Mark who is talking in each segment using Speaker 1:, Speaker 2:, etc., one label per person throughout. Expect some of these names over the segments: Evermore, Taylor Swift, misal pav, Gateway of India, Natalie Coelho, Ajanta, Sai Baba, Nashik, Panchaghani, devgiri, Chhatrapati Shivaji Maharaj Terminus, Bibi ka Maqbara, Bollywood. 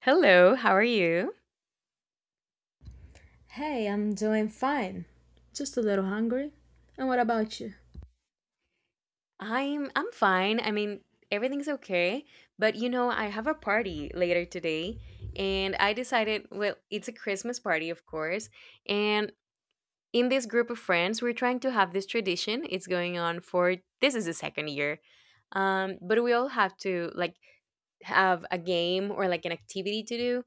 Speaker 1: Hello, how are you?
Speaker 2: Hey, I'm doing fine. Just a little hungry. And what about you?
Speaker 1: I'm fine. I mean, everything's okay, but you know, I have a party later today and I decided, well, it's a Christmas party, of course, and in this group of friends, we're trying to have this tradition. It's going on for this is the second year. But we all have to like have a game or like an activity to do.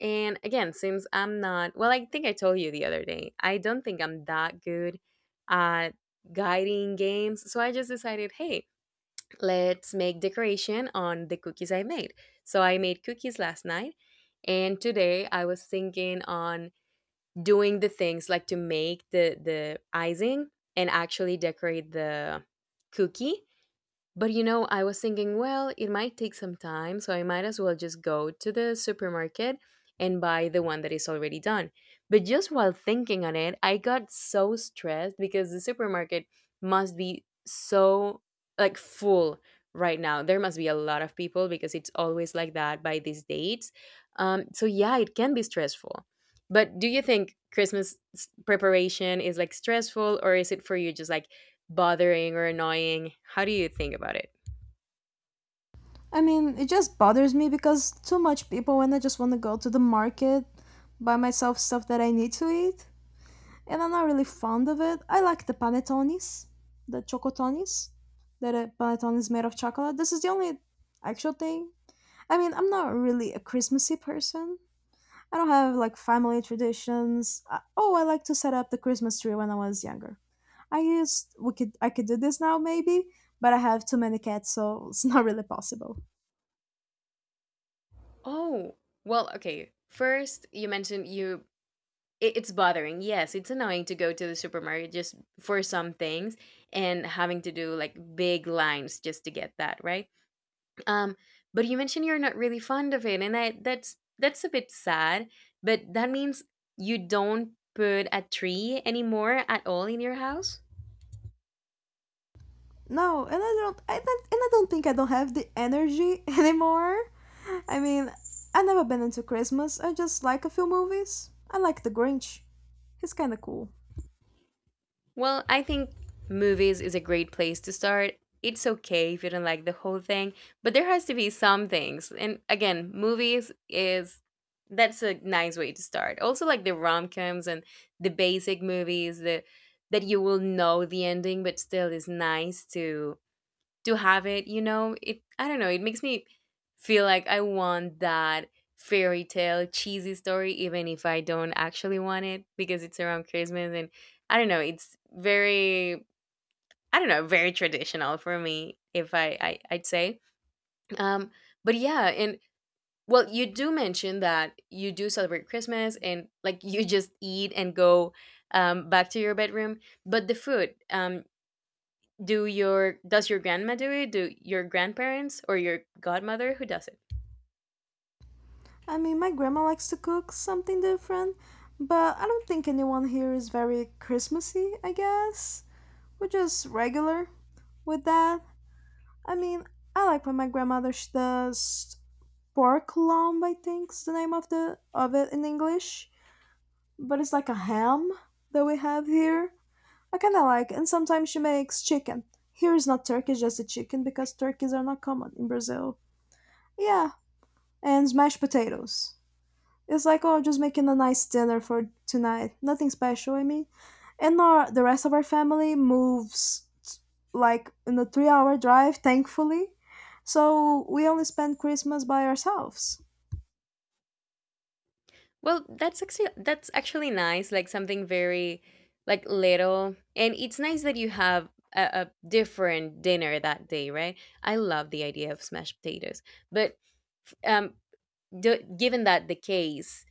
Speaker 1: And again, since I'm not, well, I think I told you the other day, I don't think I'm that good at guiding games. So I just decided, hey, let's make decoration on the cookies I made. So I made cookies last night. And today I was thinking on doing the things like to make the icing and actually decorate the cookie, but I was thinking, well, it might take some time, so I might as well just go to the supermarket and buy the one that is already done. But just while thinking on it, I got so stressed because the supermarket must be so like full right now. There must be a lot of people because it's always like that by these dates. So yeah, it can be stressful. But do you think preparation is like stressful, or is it for you just like bothering or annoying? How do you think about it?
Speaker 2: I mean, it just bothers me because too much people and I just want to go to the market, buy myself stuff that I need to eat, and I'm not really fond of it. I like the panettones, the chocotones, that a panettone is made of chocolate. This is the only actual thing. I mean, I'm not really a Christmassy person, I don't have like family traditions. Oh, I like to set up the Christmas tree when I was younger. I could do this now maybe, but I have too many cats, so it's not really possible.
Speaker 1: Oh, well, okay. First, you mentioned it's bothering. Yes, it's annoying to go to the supermarket just for some things and having to do like big lines just to get that, right? Um, but you mentioned you're not really fond of it, and I that's a bit sad, but that means you don't put a tree anymore at all in your house?
Speaker 2: No, and I don't think I don't have the energy anymore. I mean, I've never been into Christmas. I just like a few movies. I like The Grinch. He's kind of cool.
Speaker 1: Well, I think movies is a great place to start. It's okay if you don't like the whole thing, but there has to be some things. And again, movies is that's a nice way to start. Also like the rom-coms and the basic movies the that you will know the ending but still is nice to have it. It I don't know, it makes me feel like I want that fairy tale cheesy story even if I don't actually want it because it's around Christmas, and I don't know, it's very, I don't know, very traditional for me. If i, I I'd say um but yeah. And well, you do mention that you do celebrate Christmas and like you just eat and go back to your bedroom. But the food, do your does your grandma do it? Do your grandparents or your godmother who does it?
Speaker 2: I mean, my grandma likes to cook something different, but I don't think anyone here is very Christmassy, I guess. We're just regular with that. I mean, I like what my grandmother does pork lomb, I think's the name of the of it in English, but it's like a ham that we have here. I kind of like, and sometimes she makes chicken. Here is not turkey, just a chicken because turkeys are not common in Brazil. Yeah, and mashed potatoes. It's like, oh, just making a nice dinner for tonight. Nothing special, I mean. And the rest of our family moves like in a 3-hour drive, thankfully. So we only spend Christmas by ourselves.
Speaker 1: Well, that's actually nice, like something very like little, and it's nice that you have a, a different dinner that day, right? I love the idea of smashed potatoes, but um given that the case,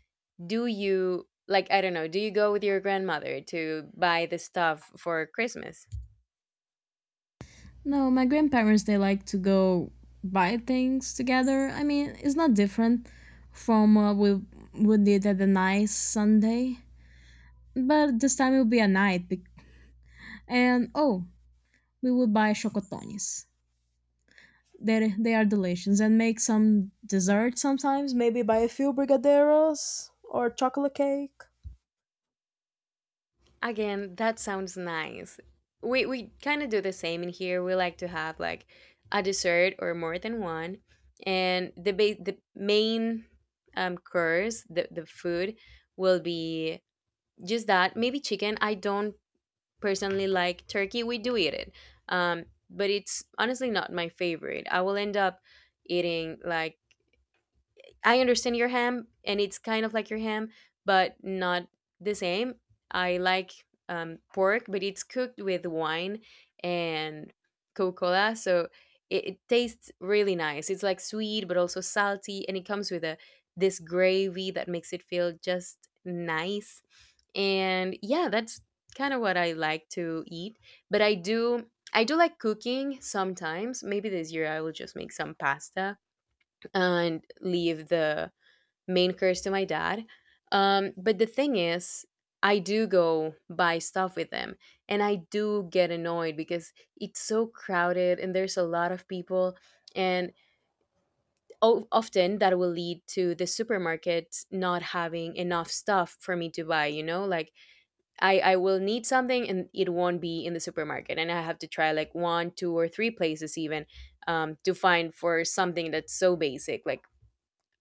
Speaker 1: do you like, I don't know, do you go with your grandmother to buy the stuff for Christmas?
Speaker 2: No, my grandparents they like to go buy things together. I mean, it's not different from what we did at the nice Sunday, but this time it will be a night. And oh, we will buy chocotones. They are delicious and make some dessert sometimes, maybe buy a few brigadeiros or chocolate cake.
Speaker 1: Again, that sounds nice. We kind of do the same in here. We like to have like a dessert or more than one, and the main course, the food will be just that. Maybe chicken. I don't personally like turkey. We do eat it, but it's honestly not my favorite. I will end up eating like, I understand your ham, and it's kind of like your ham, but not the same. I like pork, but it's cooked with wine and Coca Cola, so it tastes really nice. It's like sweet, but also salty, and it comes with a this gravy that makes it feel just nice. And yeah, that's kind of what I like to eat. But I do. I do like cooking sometimes. Maybe this year I will just make some pasta and leave the main curse to my dad. But the thing is, I do go buy stuff with them, and I do get annoyed because it's so crowded and there's a lot of people. And often that will lead to the supermarket not having enough stuff for me to buy, you know? Like I will need something, and it won't be in the supermarket. And I have to try like one, two, or three places even to find for something that's so basic. Like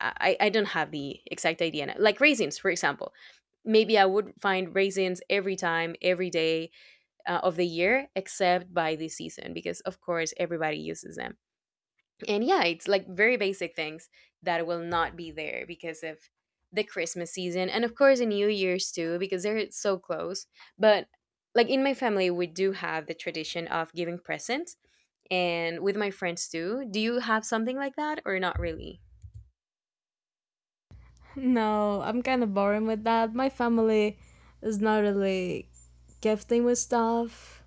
Speaker 1: I don't have the exact idea. Like raisins, for example. Maybe I would find raisins every time, every day, of the year, except by this season, because of course everybody uses them. And yeah, it's like very basic things that will not be there because of the Christmas season. And of course, the New Year's too, because they're so close. But like in my family, we do have the tradition of giving presents, and with my friends too. Do you have something like that or not really?
Speaker 2: No, I'm kind of boring with that. My family is not really gifting with stuff.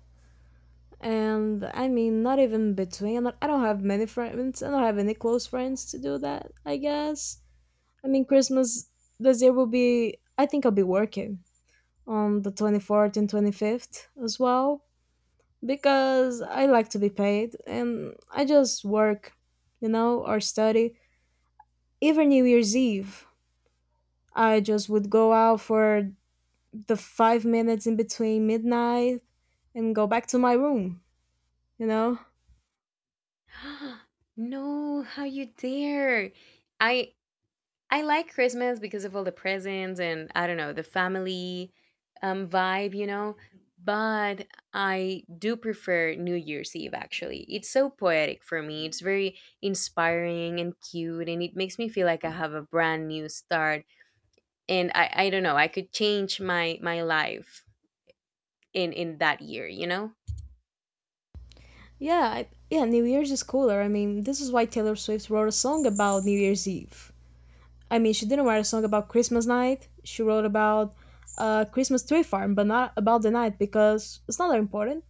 Speaker 2: And I mean, not even between. Like, I don't have many friends. I don't have any close friends to do that, I guess. I mean, Christmas this year will be, I think I'll be working on the 24th and 25th as well, because I like to be paid and I just work or study. Even New Year's Eve, I just would go out for the 5 minutes in between midnight and go back to my room, you know?
Speaker 1: No, how you dare? I I like Christmas because of all the presents and I don't know, the family vibe, you know, but I do prefer New Year's Eve actually. It's so poetic for me. It's very inspiring and cute, and it makes me feel like I have a brand new start, and I don't know, I could change my life in that year, you know?
Speaker 2: Yeah, yeah, New Year's is cooler. I mean, this is why Taylor Swift wrote a song about New Year's Eve. I mean, she didn't write a song about Christmas night, she wrote about Christmas tree farm, but not about the night because it's not that important.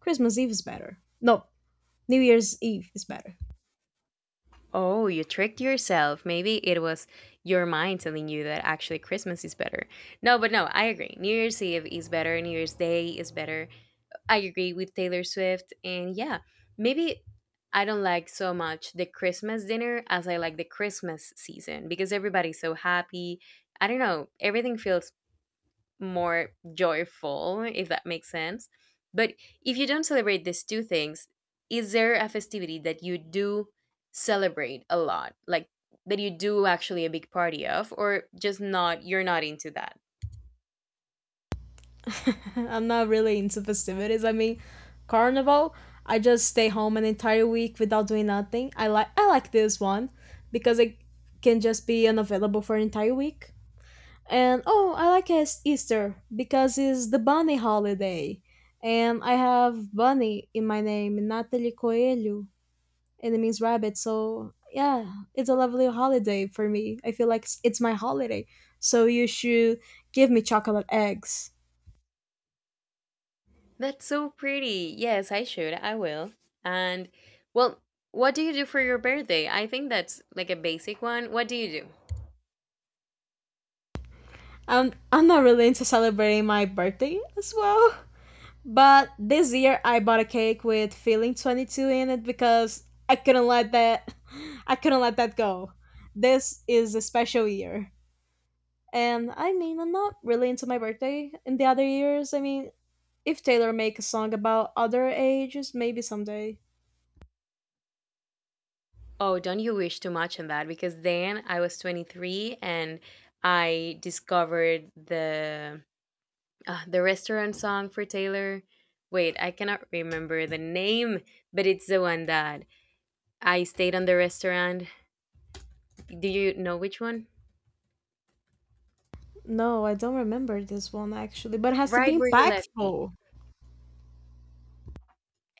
Speaker 2: Christmas Eve is better. No, New Year's Eve is better.
Speaker 1: Oh, you tricked yourself. Maybe it was your mind telling you that actually Christmas is better. No, but no, I agree. New Year's Eve is better. New Year's Day is better. I agree with Taylor Swift. And yeah, maybe I don't like so much the Christmas dinner as I like the Christmas season because everybody's so happy. I don't know. Everything feels more joyful, if that makes sense. But if you don't celebrate these two things, is there a festivity that you do celebrate a lot, like that you do actually a big party of, or just not, you're not into that?
Speaker 2: I'm not really into festivities. I mean, carnival, I just stay home an entire week without doing nothing. I like this one because I can just be unavailable for an entire week. And oh, I like Easter because it's the bunny holiday. And I have bunny in my name, Natalie Coelho. And it means rabbit. So yeah, it's a lovely holiday for me. I feel like it's my holiday. So you should give me chocolate eggs.
Speaker 1: That's so pretty. Yes, I should. I will. And well, what do you do for your birthday? I think that's like a basic one. What do you do?
Speaker 2: I'm not really into celebrating my birthday as well. But this year I bought a cake with feeling 22 in it because I couldn't let that I couldn't let that go. This is a special year. And I mean, I'm not really into my birthday in the other years. I mean, if Taylor make a song about other ages, maybe someday.
Speaker 1: Oh, don't you wish too much on that, because then I was 23 and I discovered the restaurant song for Taylor. Wait, I cannot remember the name, but it's the one that I stayed on the restaurant. Do you know which one?
Speaker 2: No, I don't remember this one actually, but it has to
Speaker 1: Right
Speaker 2: be
Speaker 1: Where You Left Me.
Speaker 2: impactful.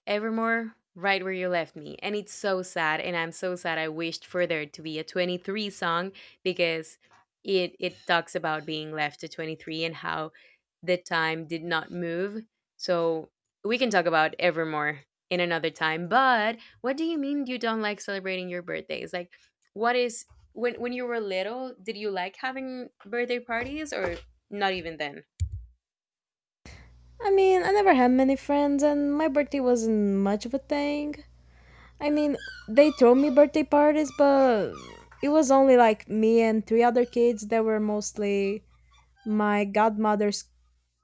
Speaker 1: Evermore, Right Where You Left Me. And it's so sad. And I'm so sad. I wished for there to be a 23 song because it talks about being left to 23 and how the time did not move. So we can talk about Evermore in another time. But what do you mean you don't like celebrating your birthdays? Like, what is. When you were little, did you like having birthday parties or not even then?
Speaker 2: I mean, I never had many friends, and my birthday wasn't much of a thing. I mean, they throw me birthday parties, but it was only like me and three other kids that were mostly my godmother's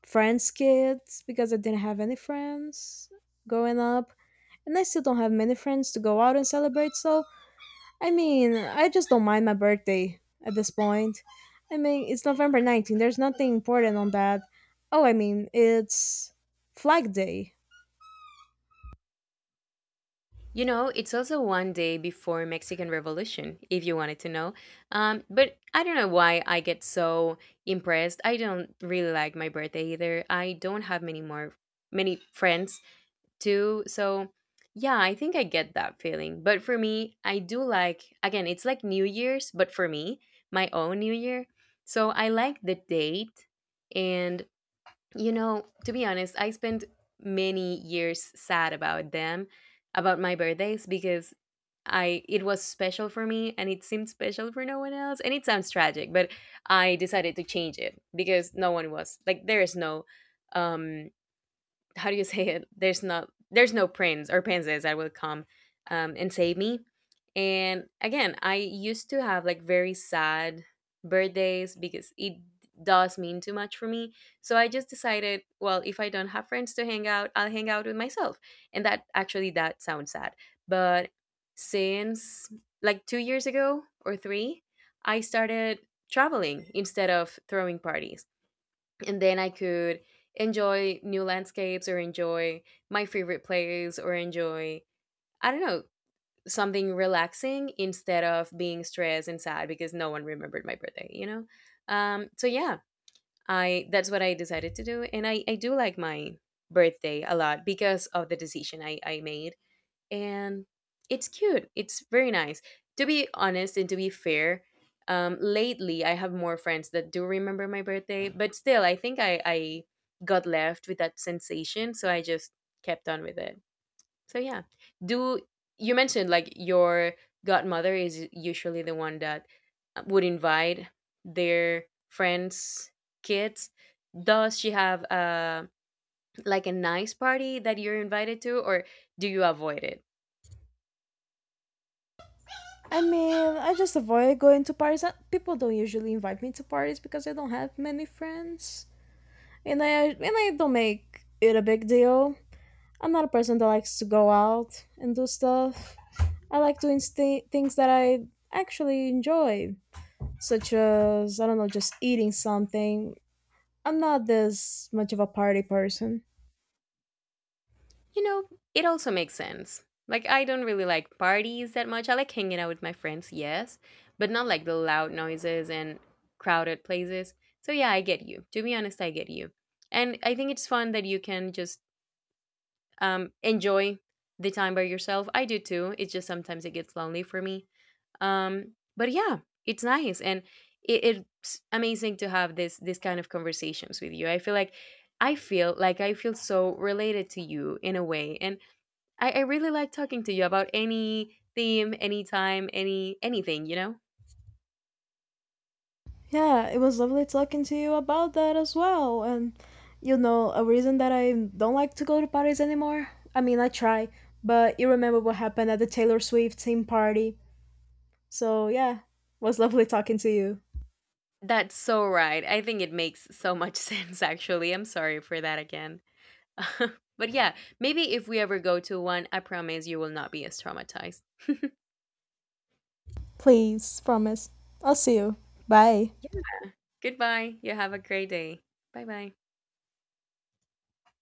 Speaker 2: friends' kids because I didn't have any friends growing up. And I still don't have many friends to go out and celebrate, so I mean, I just don't mind my birthday at this point. I mean, it's November 19th. There's nothing important on that. Oh, I mean, it's Flag Day.
Speaker 1: You know, it's also one day before Mexican Revolution, if you wanted to know. But I don't know why I get so impressed. I don't really like my birthday either. I don't have many friends too. So yeah, I think I get that feeling. But for me, I do like, again, it's like New Year's, but for me, my own New Year. So I like the date, and you know, to be honest, I spent many years sad about them, about my birthdays because I it was special for me and it seemed special for no one else. And it sounds tragic, but I decided to change it because no one was, like, there is no um how do you say it? There's no prince or princess that will come and save me. And again, I used to have like very sad birthdays because it does mean too much for me. So I just decided, well, if I don't have friends to hang out, I'll hang out with myself. And that actually that sounds sad. But since like 2 years ago or 3, I started traveling instead of throwing parties, and then I could enjoy new landscapes, or enjoy my favorite place, or enjoy I don't know, something relaxing, instead of being stressed and sad because no one remembered my birthday, so yeah, I that's what I decided to do, and I do like my birthday a lot because of the decision I made, and it's cute. It's very nice. To be honest and to be fair, lately I have more friends that do remember my birthday, but still, I think I got left with that sensation, so I just kept on with it. So yeah, do you mentioned like your godmother is usually the one that would invite their friends' kids. Does she have like a nice party that you're invited to, or do you avoid it?
Speaker 2: I mean, I just avoid going to parties. People don't usually invite me to parties because I don't have many friends. And I don't make it a big deal. I'm not a person that likes to go out and do stuff. I like doing things that I actually enjoy, such as I don't know, just eating something. I'm not this much of a party person.
Speaker 1: You know, it also makes sense. Like, I don't really like parties that much. I like hanging out with my friends, yes, but not like the loud noises and crowded places. So, yeah, I get you. To be honest, I get you. And I think it's fun that you can just enjoy the time by yourself. I do too. It's just sometimes it gets lonely for me. But yeah, it's nice. And it's amazing to have this kind of conversations with you. I feel like I feel so related to you in a way. And I really like talking to you about any theme, anytime, anything, you know?
Speaker 2: Yeah, it was lovely talking to you about that as well. And a reason that I don't like to go to parties anymore. I mean, I try, but you remember what happened at the Taylor Swift team party. So, yeah, was lovely talking to you.
Speaker 1: That's so right. I think it makes so much sense actually. I'm sorry for that again. But yeah, maybe if we ever go to one, I promise you will not be as traumatized.
Speaker 2: Please, promise. I'll see you. Bye.
Speaker 1: Yeah. Goodbye. You have a great day. Bye bye.